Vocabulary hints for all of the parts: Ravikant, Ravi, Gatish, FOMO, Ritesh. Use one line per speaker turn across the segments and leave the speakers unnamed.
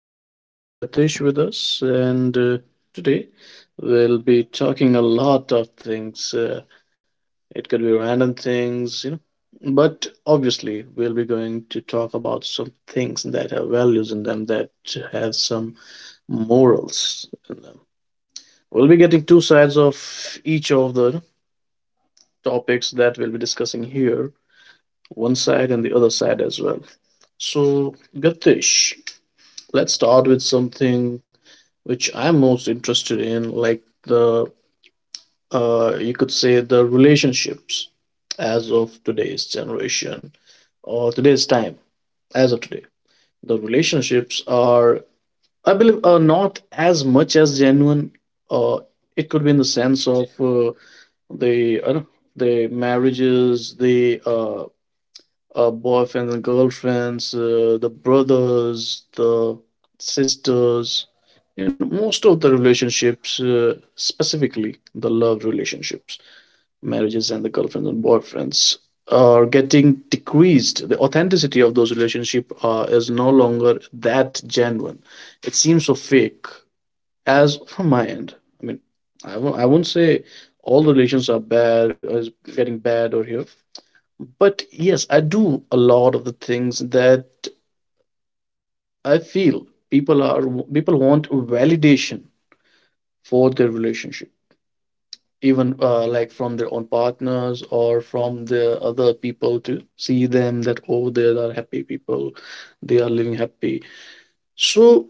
today we have Gatish with us. And today we'll be talking a lot of things. It could be random things, you know, but obviously we'll be going to talk about some things that have values in them, that have some morals in them. We'll be getting two sides of each of the topics that we'll be discussing here, one side and the other side as well. So, Gatish. Let's start with something which I'm most interested in, like the you could say the relationships as of today's generation or today's time, as of today. The relationships are, I believe, are not as much as genuine. Uh, it could be in the sense of the I don't know, the marriages, the boyfriends and girlfriends, the brothers, the sisters, you know, most of the relationships, specifically the love relationships, marriages and the girlfriends and boyfriends, are getting decreased. The authenticity of those relationships is no longer that genuine. It seems so fake. As from my end, I mean, I won't say all relations are bad or is getting bad or here, but yes, I do a lot of the things that I feel people want validation for their relationship, even like from their own partners or from the other people to see them that oh, they are happy people, they are living happy. So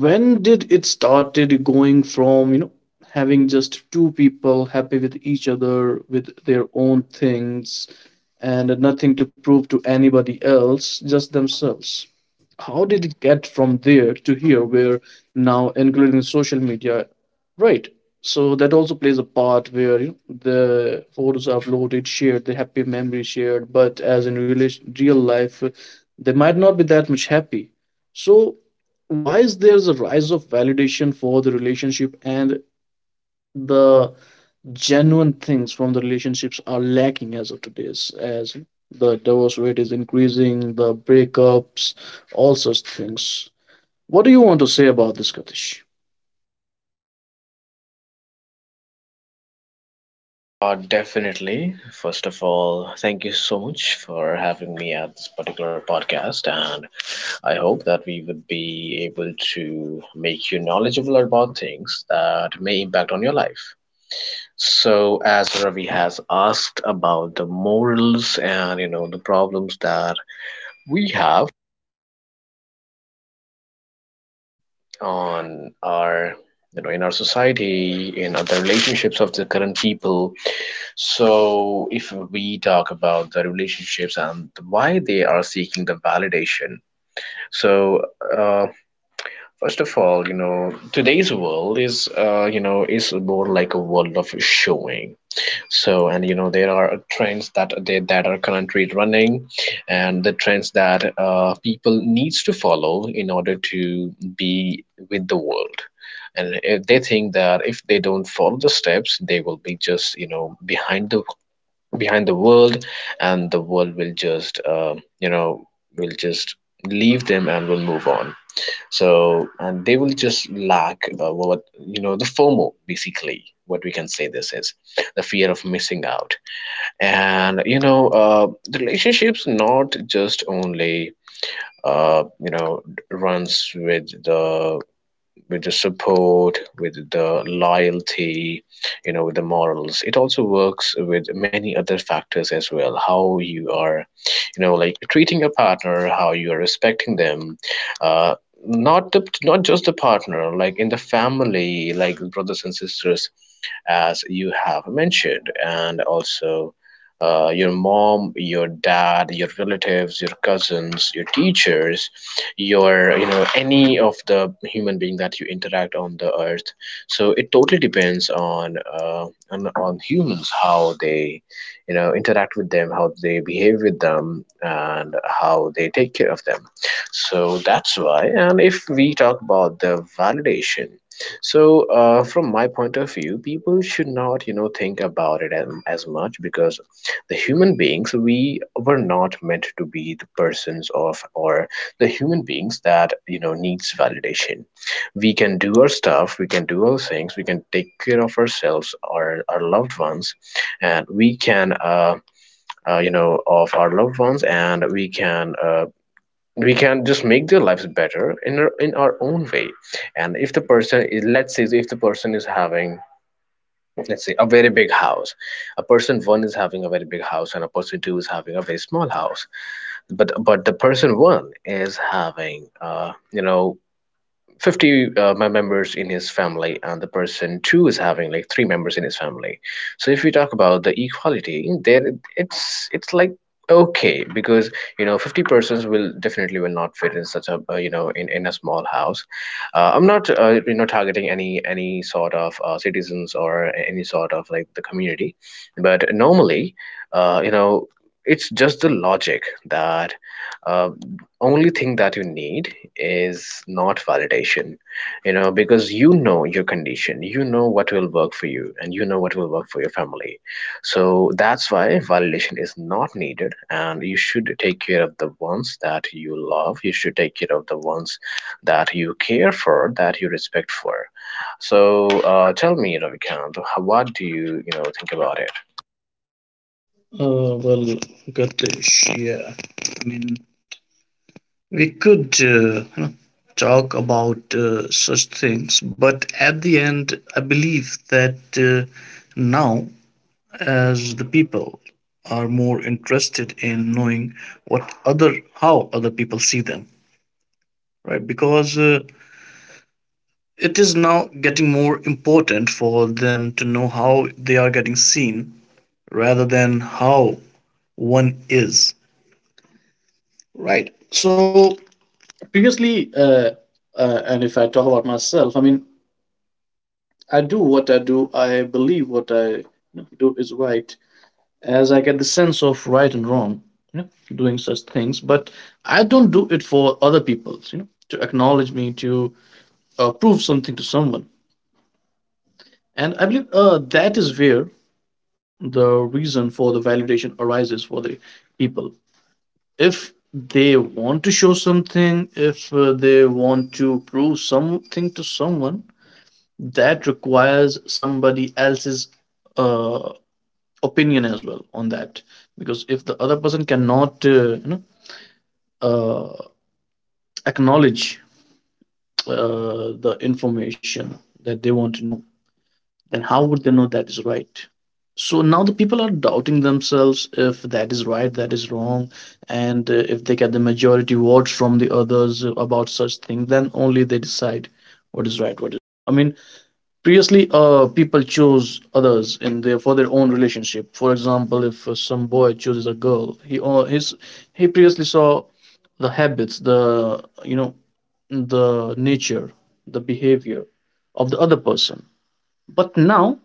when did it started going from having just two people happy with each other with their own things and nothing to prove to anybody else, just themselves? How did it get from there to here where now, including social media, right, so that also plays a part, where the photos are uploaded, shared, the happy memories shared, but as in relation, real life, they might not be that much happy. So why is there a rise of validation for the relationship, and the genuine things from the relationships are lacking as of today's, as the divorce rate is increasing, the breakups, all such things? What do you want to say about this, katish?
Yeah, definitely. First of all, thank you so much for having me at this particular podcast, and I hope that we would be able to make you knowledgeable about things that may impact on your life. So, as Ravi has asked about the morals and you know the problems that we have on our you know in our society, in other relationships of the current people, so, if we talk about the relationships and why they are seeking the validation, so uh, first of all, you know, today's world is, you know, is more like a world of showing. So, and you know, there are trends that that are currently running, and the trends that people needs to follow in order to be with the world. And if they think that if they don't follow the steps they will be just you know behind the world, and the world will just you know will just leave them and will move on. So and they will just lack what you know the FOMO, basically what we can say, this is the fear of missing out. And you know the relationships not just only you know runs with the support, with the loyalty, you know, with the morals. It also works with many other factors as well, how you are, you know, like treating your partner, how you are respecting them. Uh not the not just the partner, like in the family, like brothers and sisters as you have mentioned, and also your mom, your dad, your relatives, your cousins, your teachers, your, you know, any of the human being that you interact on the earth. So it totally depends on on humans how they, you know, interact with them, how they behave with them, and how they take care of them. So that's why. And if we talk about the validation, from my point of view, people should not, you know, think about it as much, because the human beings, we were not meant to be the persons of, or the human beings that you know needs validation. We can do our stuff, we can do our things, we can take care of ourselves, our loved ones, and we can you know of our loved ones, and we can. We can just make their lives better in in our own way. And if the person is, let's say, if the person is having, let's say, a very big house, a person one is having a very big house and a person two is having a very small house, but the person one is having you know 50 members in his family and the person two is having like three members in his family. So if we talk about the equality there, it's like okay, because you know 50 persons will definitely will not fit in such a you know in a small house. I'm not you know targeting any sort of citizens or any sort of like the community, but normally you know, it's just the logic that uh, only thing that you need is not validation. You know, because you know your condition, you know what will work for you, and you know what will work for your family. So that's why validation is not needed, and you should take care of the ones that you love, you should take care of the ones that you care for, that you respect for. So tell me, Ravikant, what do you you know think about it.
Well, Gatish, yeah. I mean, we could talk about such things, but at the end, I believe that uh, now, as the people are more interested in knowing what other how other people see them, right, because it is now getting more important for them to know how they are getting seen rather than how one is. Right. So previously, and if I talk about myself, I mean, I do what I do. I believe what I do is right, as I get the sense of right and wrong, you know, doing such things. But I don't do it for other people, you know, to acknowledge me, to prove something to someone. And I believe that is where the reason for the validation arises for the people. If they want to show something, if they want to prove something to someone, that requires somebody else's uh, opinion as well on that, because if the other person cannot uh, acknowledge the information that they want to know, then how would they know that is right? So now the people are doubting themselves if that is right, that is wrong, and if they get the majority votes from the others about such thing, then only they decide what is right, what is wrong. I mean, previously, people chose others in their for their own relationship. For example, if some boy chooses a girl, he his he previously saw the habits, the you know the nature, the behavior of the other person. But now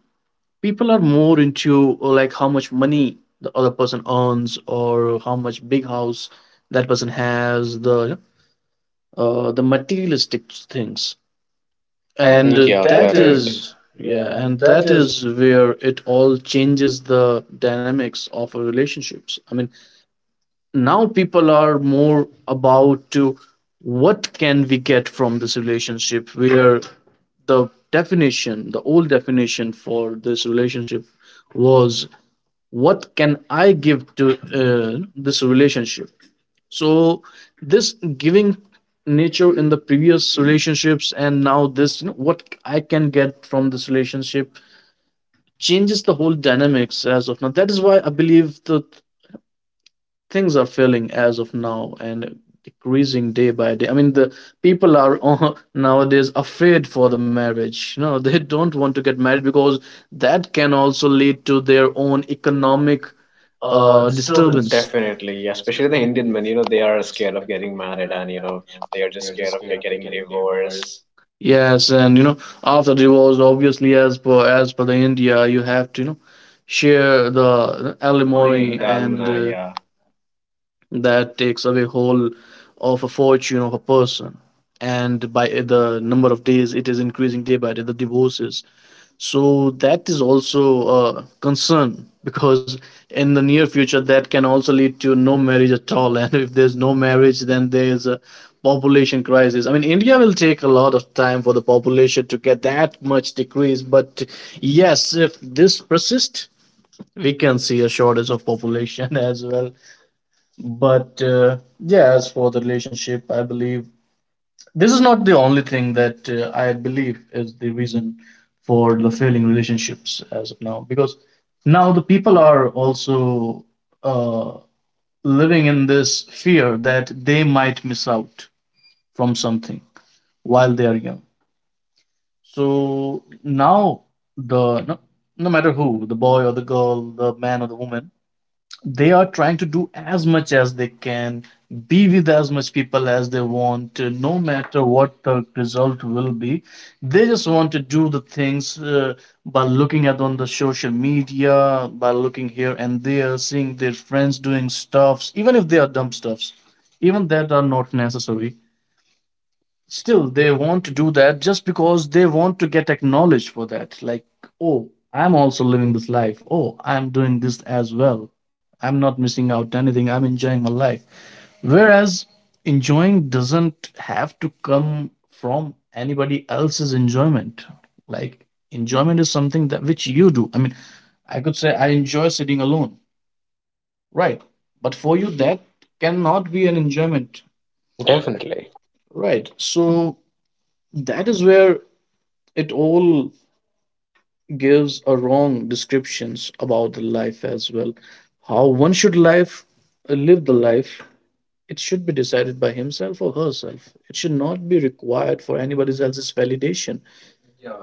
people are more into like how much money the other person earns or how much big house that person has, the materialistic things,
I And
and
think you are
yeah.
that correct is, yeah, and that
That
is
is where it all changes the dynamics of a relationships. I mean, now people are more about to what can we get from this relationship, where the old definition for this relationship was what can I give to this relationship. So this giving nature in the previous relationships, and now this, what I can get from this relationship, changes the whole dynamics as of now. That is why I believe the things are failing as of now and decreasing day by day. I mean, the people are nowadays afraid for the marriage. You know, they don't want to get married, because that can also lead to their own
economic
economic
disturbance.
disturbance.
Definitely, yeah, especially the Indian men, you know,
Yeah.
they are scared of getting married and, you know, they are just scared of getting divorced.
Yes, and after divorce, obviously, as per the India, you have to share the
Alimony The
alimony,
and
and
alumni, yeah.
that takes away whole of a fortune of a person, and by the number of days it is increasing day by day, the divorces. So that is also a concern, because in the near future that can also lead to no marriage at all, and if there's no marriage then there's a population crisis. I mean, India will take a lot of time for the population to get that much decrease, but yes, if this persists, we can see a shortage of population as well. But yeah, as for the relationship, I believe this is not the only thing that I believe is the reason for the failing relationships as of now, because now the people are also uh, living in this fear that they might miss out from something while they are young. So now the no, no matter who, the boy or the girl, the man or the woman, they are trying to do as much as they can, be with as much people as they want, no matter what the result will be. They just want to do the things, by looking at on the social media, by looking here and there, seeing their friends doing stuffs, even if they are dumb stuffs, even that are not necessary, still they want to do that, just because they want to get acknowledged for that, like, oh, I'm also living this life, oh, I'm doing this as well, I'm not missing out anything, I'm enjoying my life, whereas enjoying doesn't have to come from anybody else's enjoyment. Like, enjoyment is something that which you do. I mean, I could say I enjoy sitting alone, right? But for you that cannot be an enjoyment,
Definitely.
right? So that is where it all gives a wrong descriptions about the life as well. How one should life live the life, it should be decided by himself or herself, it should not be required for anybody else's validation.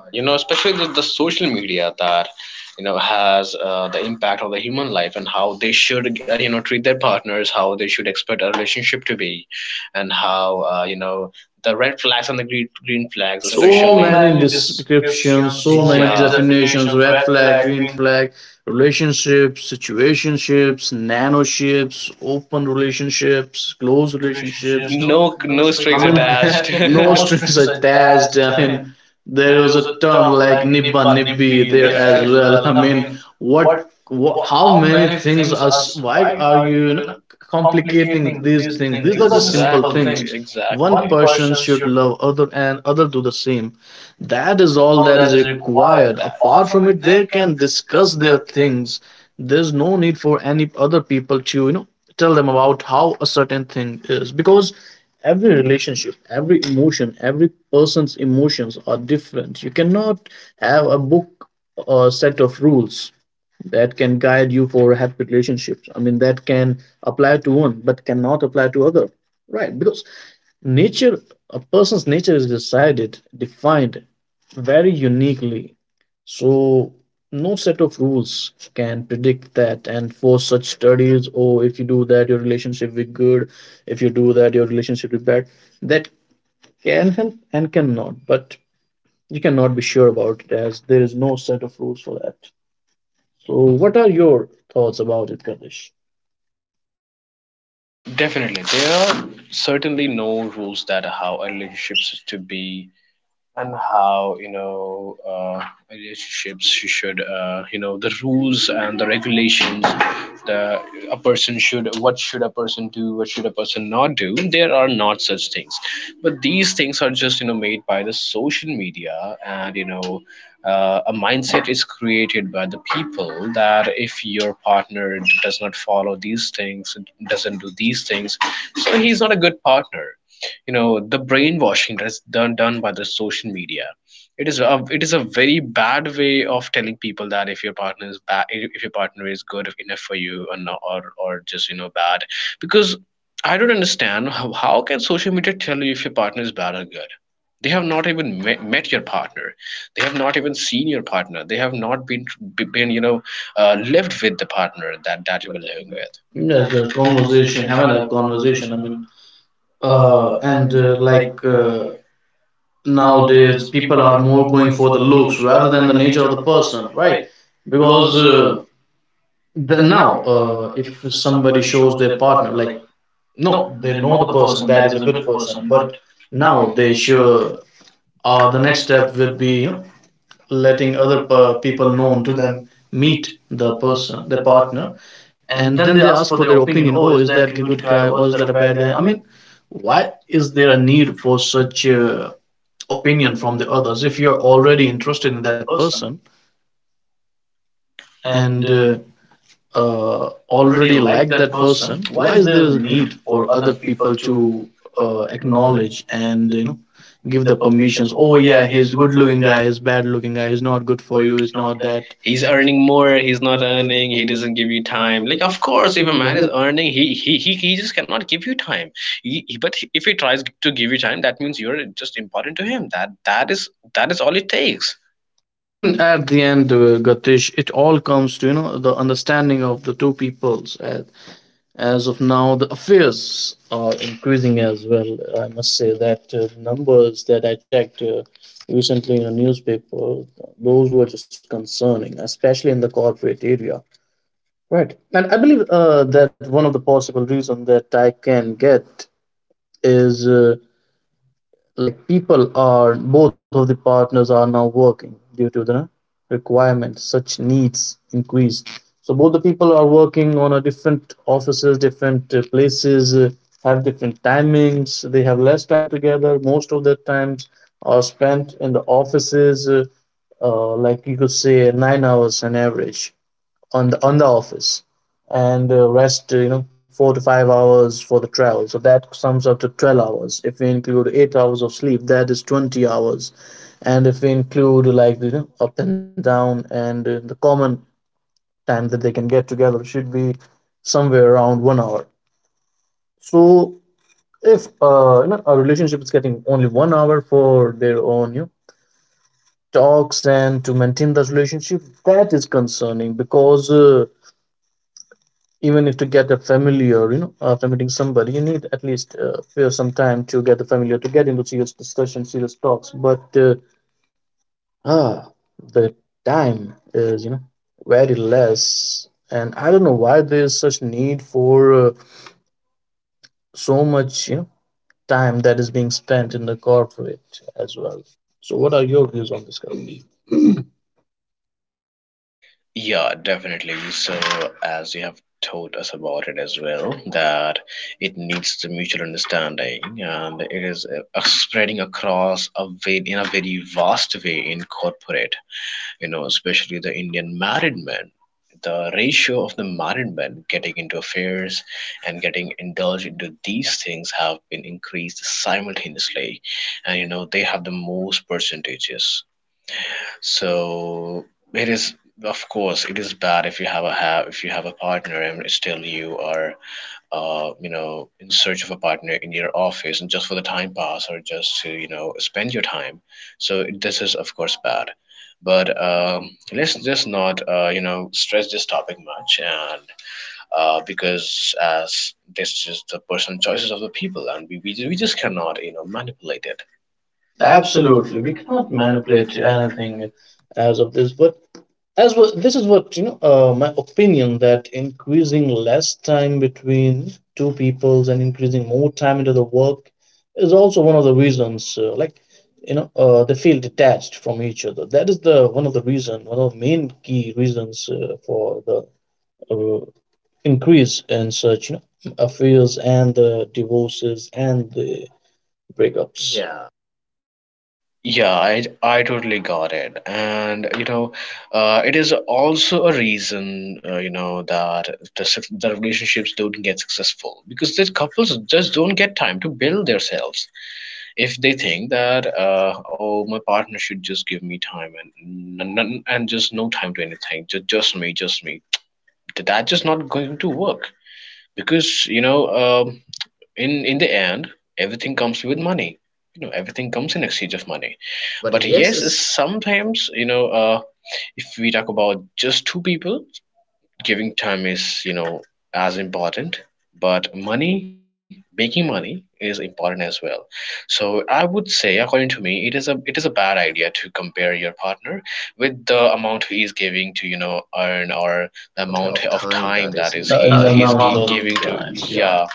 You know, especially the social media that, you know, has the impact of the human life and how they should, you know, treat their partners, how they should expect a relationship to be, and how, you know, the red flags and the green flags, so
So
especially.
many
Many
descriptions,
descriptions, so
so
many
many
yeah
definitions,
definitions,
red
red
flag,
flag,
green
green
flag, relationships, situationships, nanoships, open relationships, close
close relationships.
relationships, No,
No,
no
no
strings, I
strings I mean,
mean, attached.
attached.
No
No
strings
strings
attached,
attached.
I
I
mean,
mean,
there
there
was
was
a
a
term
term
like
like
nibba
nibba
nibbi
nibbi
there
there
as
as
well,
well.
I
I
mean,
mean,
what,
what,
what, how
how
many
many
things
things
are,
are,
why
why
are
are
you,
you, you know,
complicating
complicating
these
these
things?
things?
These
These
are
are
just
the
simple
simple exactly,
things.
things.
One
One exactly.
person
person
should
should,
love other and other do the same, that
that
is
is
all
all
that is
that is
required.
required. That
Apart
apart
from
from
it
it,
they
they
can
can
discuss
discuss
their
their
things,
things.
there's no need for any other people to tell them about how a certain thing is, because every relationship, every emotion, every person's emotions are different. You cannot have a book or set of rules that can guide you for happy relationships. I mean, that can apply to one but cannot apply to other, right? Because Nature, a person's nature is decided, defined very uniquely. So, no set of rules can predict that. And for such studies, oh, if you do that, your relationship will be good. If you do that, your relationship will be bad. That can help and cannot. But you cannot be sure about it, as there is no set of rules for that. So, what are your thoughts about it, Kadesh?
Definitely there are certainly no rules that how a relationship is to be, and how you know relationships. You should you know the rules and the regulations, the a person should, what should a person do, what should a person not do, there are not such things. But these things are just you know made by the social media, and you know a mindset is created by the people that if your partner does not follow these things, doesn't do these things, so he's not a good partner. You know the brainwashing that's done by the social media. It is a very bad way of telling people that if your partner is bad, if your partner is good enough for you or not, or just you know bad. Because I don't understand how can social media tell you if your partner is bad or good. They have not even met your partner, they have not even seen your partner, they have not been you know lived with the partner that you were living with.
Yeah,
No
the
the
conversation,
conversation,
haven't
haven't
have
have
conversation. I
conversation. I
mean,
mean, uh,
and
and like
like nowadays
nowadays,
people
people
are
are
more
more
going
going
for
for
the
the
looks
looks
rather
rather
than
than
the
the
nature of
nature
the
of the person,
person, right?
right?
Because
Because
the,
the,
now
now,
if
if
somebody
somebody
shows
shows
their
their
partner,
partner,
like,
like,
no,
no,
they
they
know
know
the
the
person,
person,
that
that
is
is
a
a
good
good
person,
person,
but
but
now
now
they
they
sure,
sure,
the
the
next
next
step
step will
would
be,
be,
you know,
letting
letting
other
other
people
people
known
known
to
to
them
them
meet
meet
the
the
person,
person,
the
the
partner,
partner,
and
and
then
then
they
they
ask
ask
for
for
their
their
opinion,
opinion,
oh
oh
is
is
that
that
a
a
good
good
guy
guy
or
or
is
is
that
that
a
a
bad
bad
guy.
guy.
I
I
mean,
mean,
why
why
is
is
there
there
a
a
need
need for
for such
such
opinion
opinion
from
from
the
the others
others,
if
if you're
you're already
already interested
interested in
in
that
that person
person, and
and uh, uh,
already
already
like
like
that
that
person?
person? Why
Why is
is there
there a
a need
need
for
for
other
other
people
people to
to
acknowledge
acknowledge
and
and,
you
you
know
know,
give
give
the
the
permissions,
permissions,
oh
oh yeah,
yeah he's
he's good
good
looking
looking guy
guy, he's bad looking guy, he's not good
for
for
you
you,
is
he's not
not that.
that.
He's earning more, he's not earning, he doesn't give you time. Like, of course, if a man is earning, he just cannot give you time. But if he tries to give you time, that means you're just important to him. That is all it takes.
I mean, at the end, Gatish, it all comes to, you know, the understanding of the two peoples. As of now, the affairs are increasing as well. I must say that numbers that I checked recently in a newspaper, those were just concerning, especially in the corporate area. Right, and I believe that one of the possible reasons that I can get is. Like, people are both of the partners are now working due to the requirements, such needs increased, so both the people are working on a different offices, different places, have different timings, they have less time together, most of their times are spent in the offices. Like, you could say 9 hours on average on the office, and rest, you know, 4 to 5 hours for the travel, so that sums up to 12 hours. If we include 8 hours of sleep, that is 20 hours, and if we include, like, the, you know, up and down, and the common time that they can get together should be somewhere around 1 hour. So if, you know, a relationship is getting only 1 hour for their own, you know, talks and to maintain that relationship, that is concerning, because even if to get a familiar, you know, after meeting somebody, you need at least feel some time to get the familiar, to get into serious discussion, serious talks. But ah, the time is, you know, very less. And I don't know why there's such need for so much, you know, time that is being spent in the corporate as well. So, what are your views on this, Karan?
Yeah, definitely. So, as you have told us about it as well, that it needs the mutual understanding, and it is spreading across a ve in a very vast way in corporate. You know, especially the Indian married men. The ratio of the married men getting into affairs and getting indulged into these things have been increased simultaneously, and you know they have the most percentages. So it is, of course, it is bad if you have a have if you have a partner and still you are you know, in search of a partner in your office and just for the time pass or just to, you know, spend your time. So this is of course bad. But let's just not, you know, stress this topic much, and because as this is the personal choices of the people, and we just cannot, you know, manipulate it. Absolutely,
Absolutely,
we
we cannot
cannot
manipulate
manipulate
anything
anything.
as of this, but as well, this is what, you know, my opinion, that increasing less time between two peoples and increasing more time into the work is also one of the reasons. Like, you know, they feel detached from each other. That is the one of the reason, one of the main key reasons for the uh, increase in such, you know, affairs and the divorces and the breakups. Yeah,
Yeah, I totally got it. And, you know, it is also a reason, you know, that the relationships don't get successful because these couples just don't get time to build themselves. If they think that, oh, my partner should just give me time, and and just no time to anything, just me, just me. That's just not going to work because, in the end everything comes with money. You know, everything comes in exchange of money. But yes, sometimes, if we talk about just two people, giving time is, you know, as important, but money, making money is important as well. So I would say, according to me, it is a bad idea to compare your partner with the amount he is giving to, you know, earn, or the amount of time that is he is
in
In
the
he the he's gi-
amount
amount
of
of giving to
times,
times, yeah
yeah.
yeah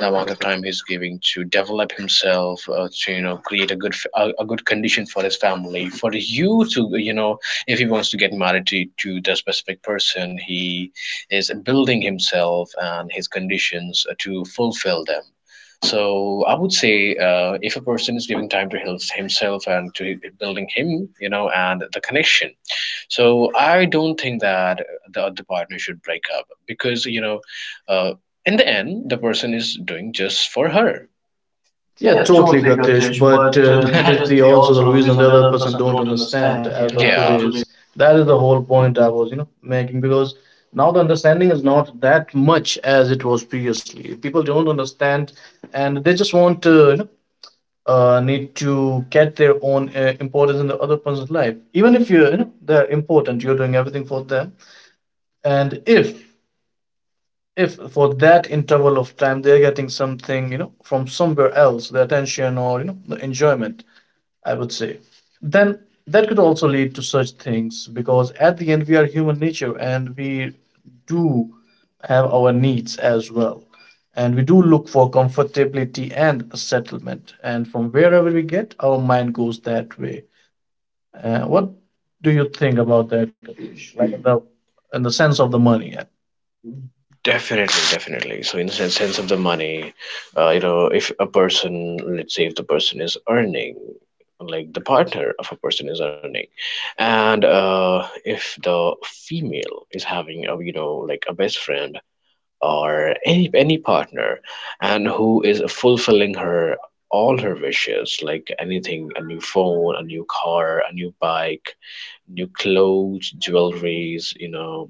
the amount of time he's giving to develop himself, to, you know, create a good condition for his family, for you, to, you know, if he wants to get married to the specific person, he is building himself and his conditions, to fulfill them. So I would say, if a person is giving time to himself and to building him, you know, and the connection. So I don't think that the other partner should break up because, uh, in the end, the person is doing just for her.
Yeah,
Yeah,
totally,
totally,
Gatish.
Gatish.
But
But
that
that
is
is
the
the
also the
also the
reason the
reason the
other
other
person
person
don't
don't
understand
understand as
as
of.
Yeah. of
Yeah.
today.
Today.
Is that is the whole point I was, you know, making, because now the understanding is not that much as it was previously. People don't understand, and they just want to, you know, need to get their own importance in the other person's life. Even if you're, you know, they're important, you're doing everything for them, and if for that interval of time they're getting something, you know, from somewhere else, the attention or, you know, the enjoyment, I would say. Then that could also lead to such things, because at the end we are human nature and we do have our needs as well. And we do look for comfortability and a settlement. And from wherever we get, our mind goes that way. What do you think about that, Kailash? Like, in the sense of the money.
Definitely, definitely. So in the sense of the money, you know, if a person, let's say, if the person is earning, like the partner of a person is earning, and if the female is having a, you know, like a best friend or any partner and who is fulfilling her all her wishes, like anything, a new phone, a new car, a new bike, new clothes, jewelries, you know,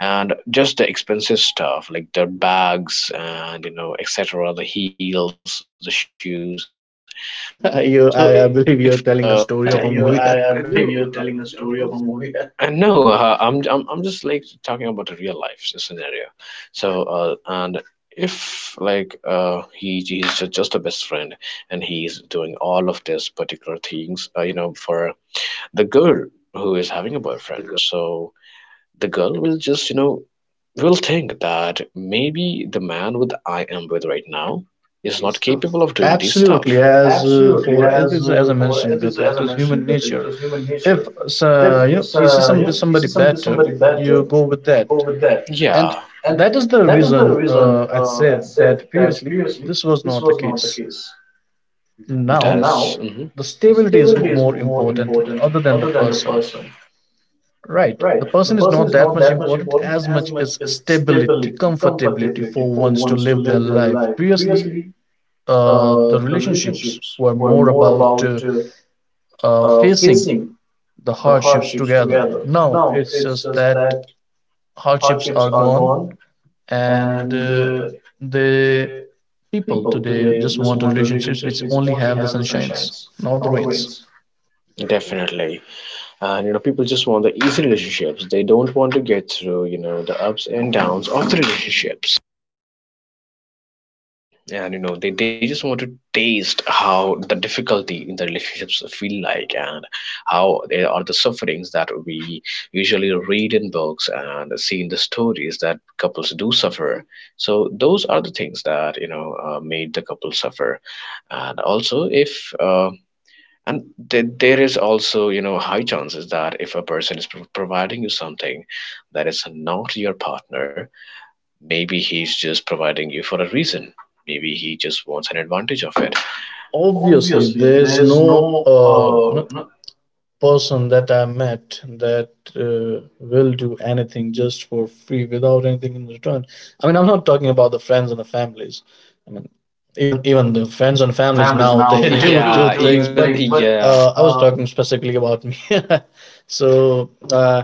and just the expensive stuff like the bags and, you know, etc., the heels, the shoes. So if
Yeah.
the,
You,
you,
I
I
believe
believe
you're
you're
telling a
telling a
story of
story
a
of a
movie.
movie. I no, I'm, I'm just like talking about a real life scenario. So and if he just a best friend and he's doing all of these particular things, you know, for the girl who is having a boyfriend. So the girl will just, you know, will think that maybe the man with I am with right now is not capable of doing this stuff.
Absolutely,
Absolutely,
as
as for as
as
as
I
I
mentioned,
mentioned, that
Gatish, it
it
is
is
human
human nature.
nature.
If
If you know, you
you see
see somebody
somebody
better,
better,
you
you
go
go
with
with that.
that,
Yeah,
and
and
that
that
is
is
the
the
reason
reason
I
I said
said that
that previously
previously this
this
was
was
not
not the
the case.
case.
Now
Mhm.
the
The
stability
stability
is
is
more
more important
important other
other than
than
the
the
person.
person.
Right.
Right, the
The
person
person
is
is
not
not
that
that
much
much
important
important
as
as much
much as
as
stability,
stability,
comfortability
comfortability for
for ones
ones
to
to
live
live
their
their life.
life.
Previously,
Previously
the
the relationships
relationships
were
were
more
more
about
about,
facing
facing
the
the
hardships
hardships
together.
together. Now
Now it's
it's
just
just that
that hardships
hardships
are
are
gone,
gone,
and
and
the
the
people
people
today
today
just
just
want
want
relationships
relationships
which
which
only
only
have the
have the
sunshines,
sunshines,
not the
not the
rains.
rains. Definitely. And you know, people just want the easy relationships. They don't want to get through, you know, the ups and downs of the relationships. And you know, they just want to taste how the difficulty in the relationships feel like and how they are the sufferings that we usually read in books and see in the stories that couples do suffer. So those are the things that, you know, made the couple suffer. And also if and there is also, you know, high chances that if a person is providing you something that is not your partner, maybe he's just providing you for a reason. Maybe he just wants an advantage of it.
Obviously
Obviously,
there's
there's
no
no
you
no-
person that I met that will do anything just for free without anything in return. I mean, I'm not talking about the friends and the families, I mean, even the friends and
and
families
families
now
now
they
they do.
do do
Yeah. Do
things.
even things,
But
but
I
yeah.
was talking specifically about me. so uh,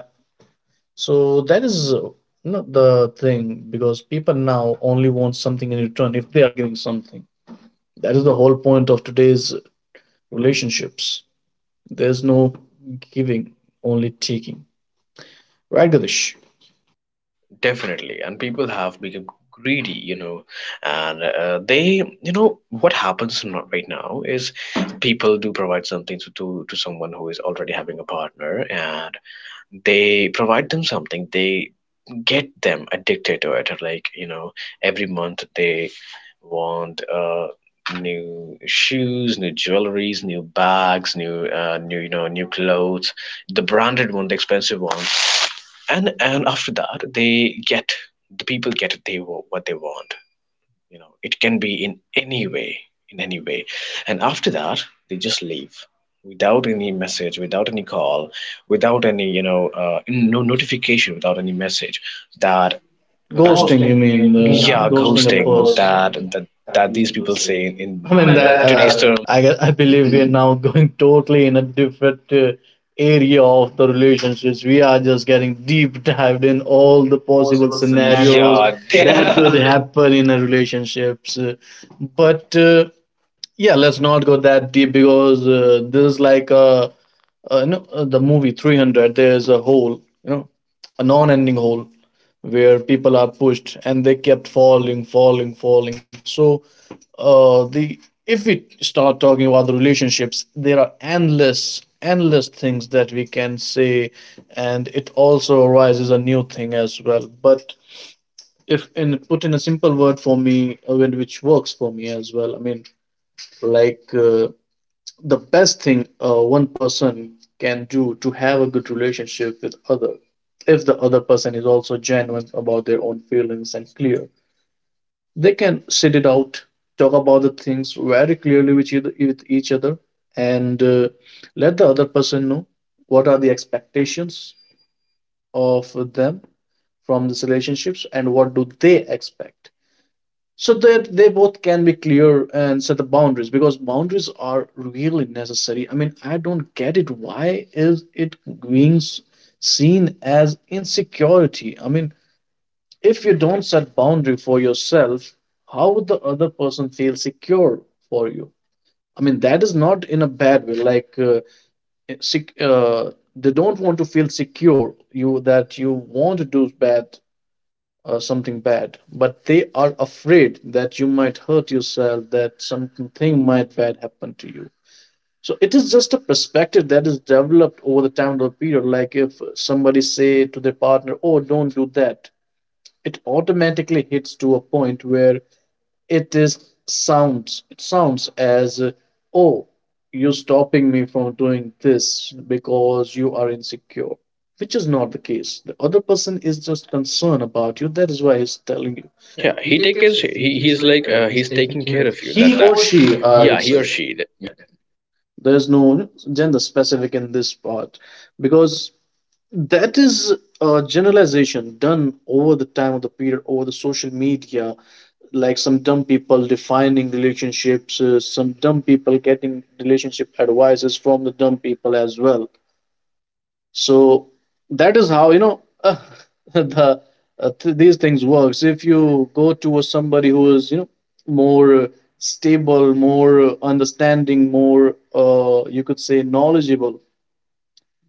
So that is not the thing, because people now only want something in return if they are giving something. That is the whole point of today's relationships. There's no giving, only taking. Right, Ganesh?
Definitely, and people have become greedy, you know, and you know, what happens not right now is people do provide something to, to someone who is already having a partner, and they provide them something, they get them addicted to it. Like, you know, every month they want new shoes, new jewelries, new bags, new new clothes, the branded one, the expensive one. And after that they get the people get they what they want. You know, it can be in any way, in any way. And after that they just leave without any message, without any call, without any, no notification, without any message. That
Ghosting,
Ghosting,
you
you
mean?
mean?
The
Yeah,
Ghosting a
ghosting. that
person.
that that these people say
I
in I
mean
mean, you know,
that.
that today's
I believe we are now going totally in a different area of the relationships. We are just getting deep dived in all the
term
possible
possible
scenarios
scenario.
that, yeah, could
Yeah. They.
happen in a relationships. But yeah, let's not go that deep, because this is like no, the movie 300. There's a hole, you know, a non-ending hole where people are pushed and they kept falling, falling, falling. So the if we start talking about the relationships, there are endless, endless things that we can say, and it also arises a new thing as well. But if in put in a simple word for me, when- which works for me as well, I mean, like. The best thing one person can do to have a good relationship with other, if the other person is also genuine about their own feelings and clear, they can sit it out, talk about the things very clearly with with each other, and let the other person know what are the expectations of them from these relationships, and what do they expect, so that they both can be clear and set the boundaries. Because boundaries are really necessary. I mean, I don't get it, why is it being seen as insecurity? I mean, if you don't set boundary for yourself, how would the other person feel secure for you? I mean, that is not in a bad way, like, eh, sec- uh, they don't want to feel secure you that you want to do bad, something bad, but they are afraid that you might hurt yourself, that something might bad happen to you. So it is just a perspective that is developed over the time of the period. Like, if somebody say to their partner, oh don't do that, it automatically hits to a point where it sounds as oh, you're stopping me from doing this because you are insecure, which is not the case. The other person is just concerned about you, that is why he's telling you.
Yeah, he take care. He he's like he's taking care of you. That. He
He
that.
or
Or
she,
she, I.
I
Yeah.
would
Would he
say,
or say she.
there's no gender specific in this part, because that is a generalization done over the time of the period, over the social media, like some dumb people defining relationships, some dumb people getting relationship advices from the dumb people as well. So that is how, you know, the these things works. If you go to somebody who is, you know, more stable, more understanding, more you could say knowledgeable,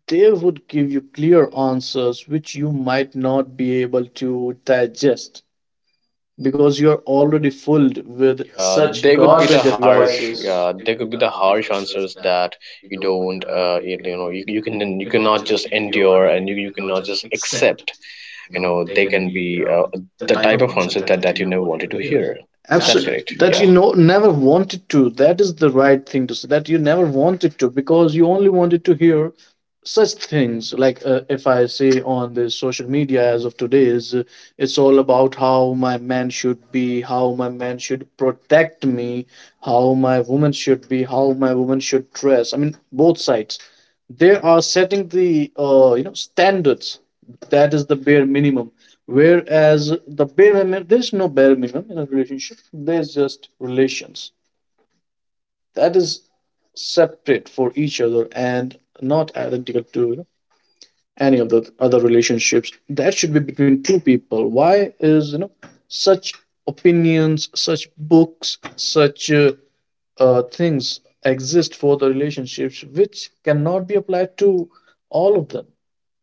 they would give you clear answers which you might not be able to digest, because you're already filled with,
With.
yeah,
Yeah.
such
Such
they would be
they
the
could be
garbage harsh,
the
yeah,
godless harsh. Advices.
advices.
Yeah, they could be the harsh answers that you don't. You, you know, you can, you cannot just endure, and you cannot just accept. You know, they can be the type of answer that you never wanted to hear. Is that Absolutely
Absolutely,
correct?
that
Yeah.
you
Thank.
know never wanted to, that is the right thing to say, that you never wanted to, because you only wanted to hear such things. Like, if I say on the social media as of today is, it's all about how my man should be, how my man should protect me, how my woman should be, how my woman should dress. I mean, both sides they are setting the you know, standards, that is the bare minimum. Whereas the bare minimum, there's no bare minimum in a relationship, there's just relations that is separate for each other and not identical to, you know, any of the other relationships that should be between two people. Why is, you know, such opinions, such books, such things exist for the relationships which cannot be applied to all of them?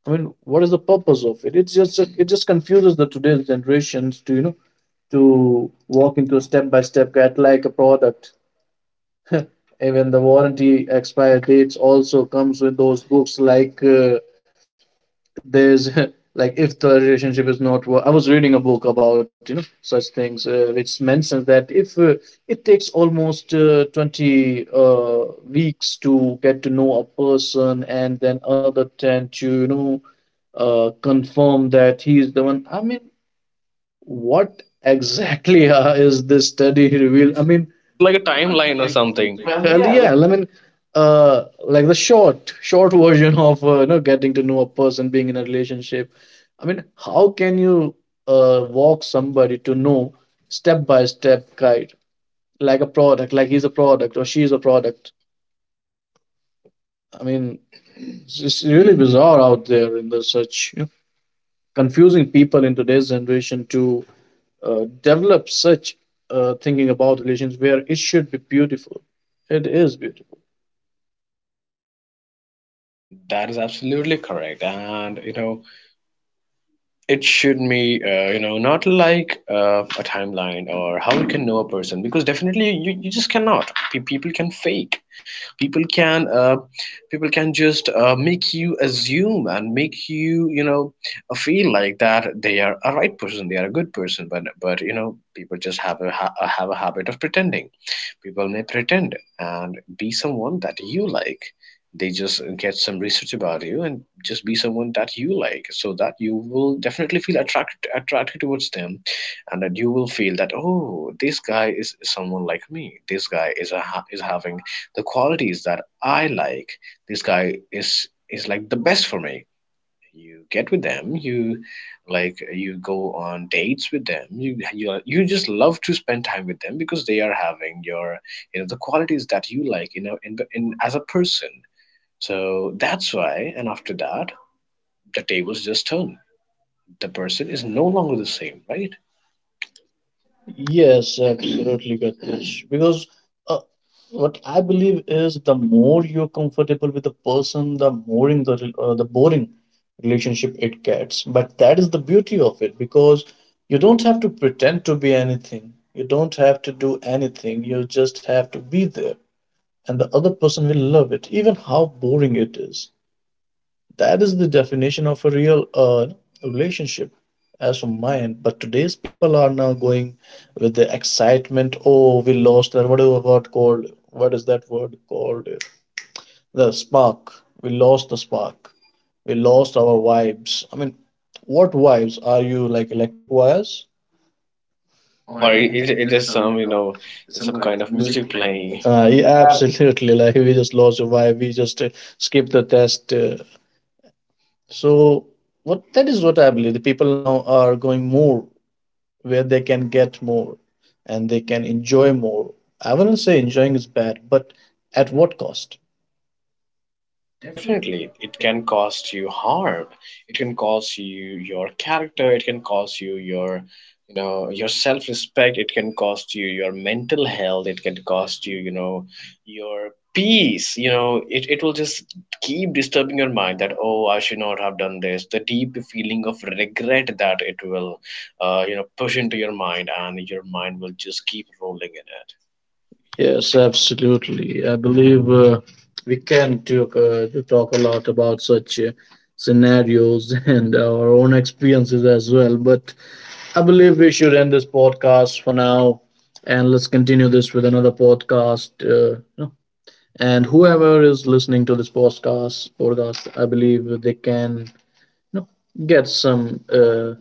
I mean, what is the purpose of it? It's just it just confuses the today's generations to, you know, to walk into a step by step guide like a product. Even the warranty expire dates also comes with those books. Like, there's like if the relationship is not I was reading a book about, you know, such things, which mentions that if it takes almost 20 weeks to get to know a person and then another 10 to, you know, confirm that he is the one. I mean, what exactly is this study revealed? I mean,
This is like a timeline or something. Well,
hell
yeah.
yeah. I mean, like the short version of, you know, getting to know a person, being in a relationship. I mean, how can you walk somebody to know step by step guide, like a product, like he's a product or she's a product? I mean, it's really bizarre out there in the such, you know, confusing people in today's generation to develop such thinking about relations where it should be beautiful. It is beautiful.
That is absolutely correct. And you know, it should be, you know, not like a timeline or how you can know a person, because definitely you, you just cannot. People can fake, people can uh, people can just make you assume and make you, you know, feel like that they are a right person, they are a good person, but you know, people just have a habit of pretending. People may pretend and be someone that you like. They just get some research about you and just be someone that you like, so that you will definitely feel attracted towards them, and that you will feel that, oh, this guy is someone like me, this guy is having the qualities that I like, this guy is like the best for me. You get with them, you like, you go on dates with them, you, you just love to spend time with them because they are having your, you know, the qualities that you like, you know, in as a person. So that's why, and after that, the tables just turn. The person is no longer the same, right?
Yes, absolutely, Gatish. Because uh, what I believe is the more you're comfortable with the person, the more in the boring relationship it gets. But that is the beauty of it, because you don't have to pretend to be anything. You don't have to do anything. You just have to be there, and the other person will love it, even how boring it is. That is the definition of a real relationship, as for mine. But today's people are now going with the excitement. Oh, we lost that. Whatever word called? What is that word called? The spark. We lost the spark. We lost our vibes. I mean, what vibes are you, like, electric wires?
Or it is some, you know, some kind of music playing.
Yeah,
Yeah.
absolutely. Like, we just lost a vibe. We just skipped the test. So what that is what I believe. The people now are going more where they can get more and they can enjoy more. I wouldn't say enjoying is bad, but at what cost?
Definitely, it can cause you harm. It can cause you your character. It can cause you your, you know, your self-respect. It can cost you your mental health. It can cost you, you know, your peace. You know, it will just keep disturbing your mind that, oh, I should not have done this. The deep feeling of regret that it will, you know, push into your mind, and your mind will just keep rolling in it.
Yes, absolutely. I believe we can talk a lot about such scenarios and our own experiences as well. But I believe we should end this podcast for now, and let's continue this with another podcast. You know, and whoever is listening to this podcast, I believe they can, you know, get some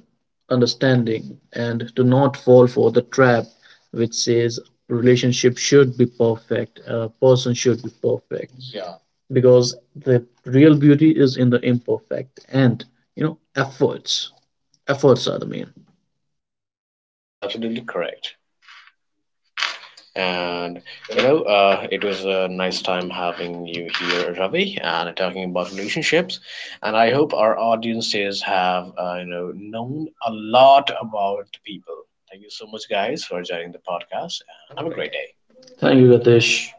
understanding and do not fall for the trap which says relationship should be perfect, a person should be perfect. Because the real beauty is in the imperfect, and, you know, efforts, efforts are the main.
That is absolutely correct. And you know, it was a nice time having you here, Ravi, and talking about relationships. And I hope our audiences have, you know, known a lot about the people. Thank you so much, guys, for joining the podcast, and have a great day.
Thank you,
Thank you,
Gatesh.
Ritesh.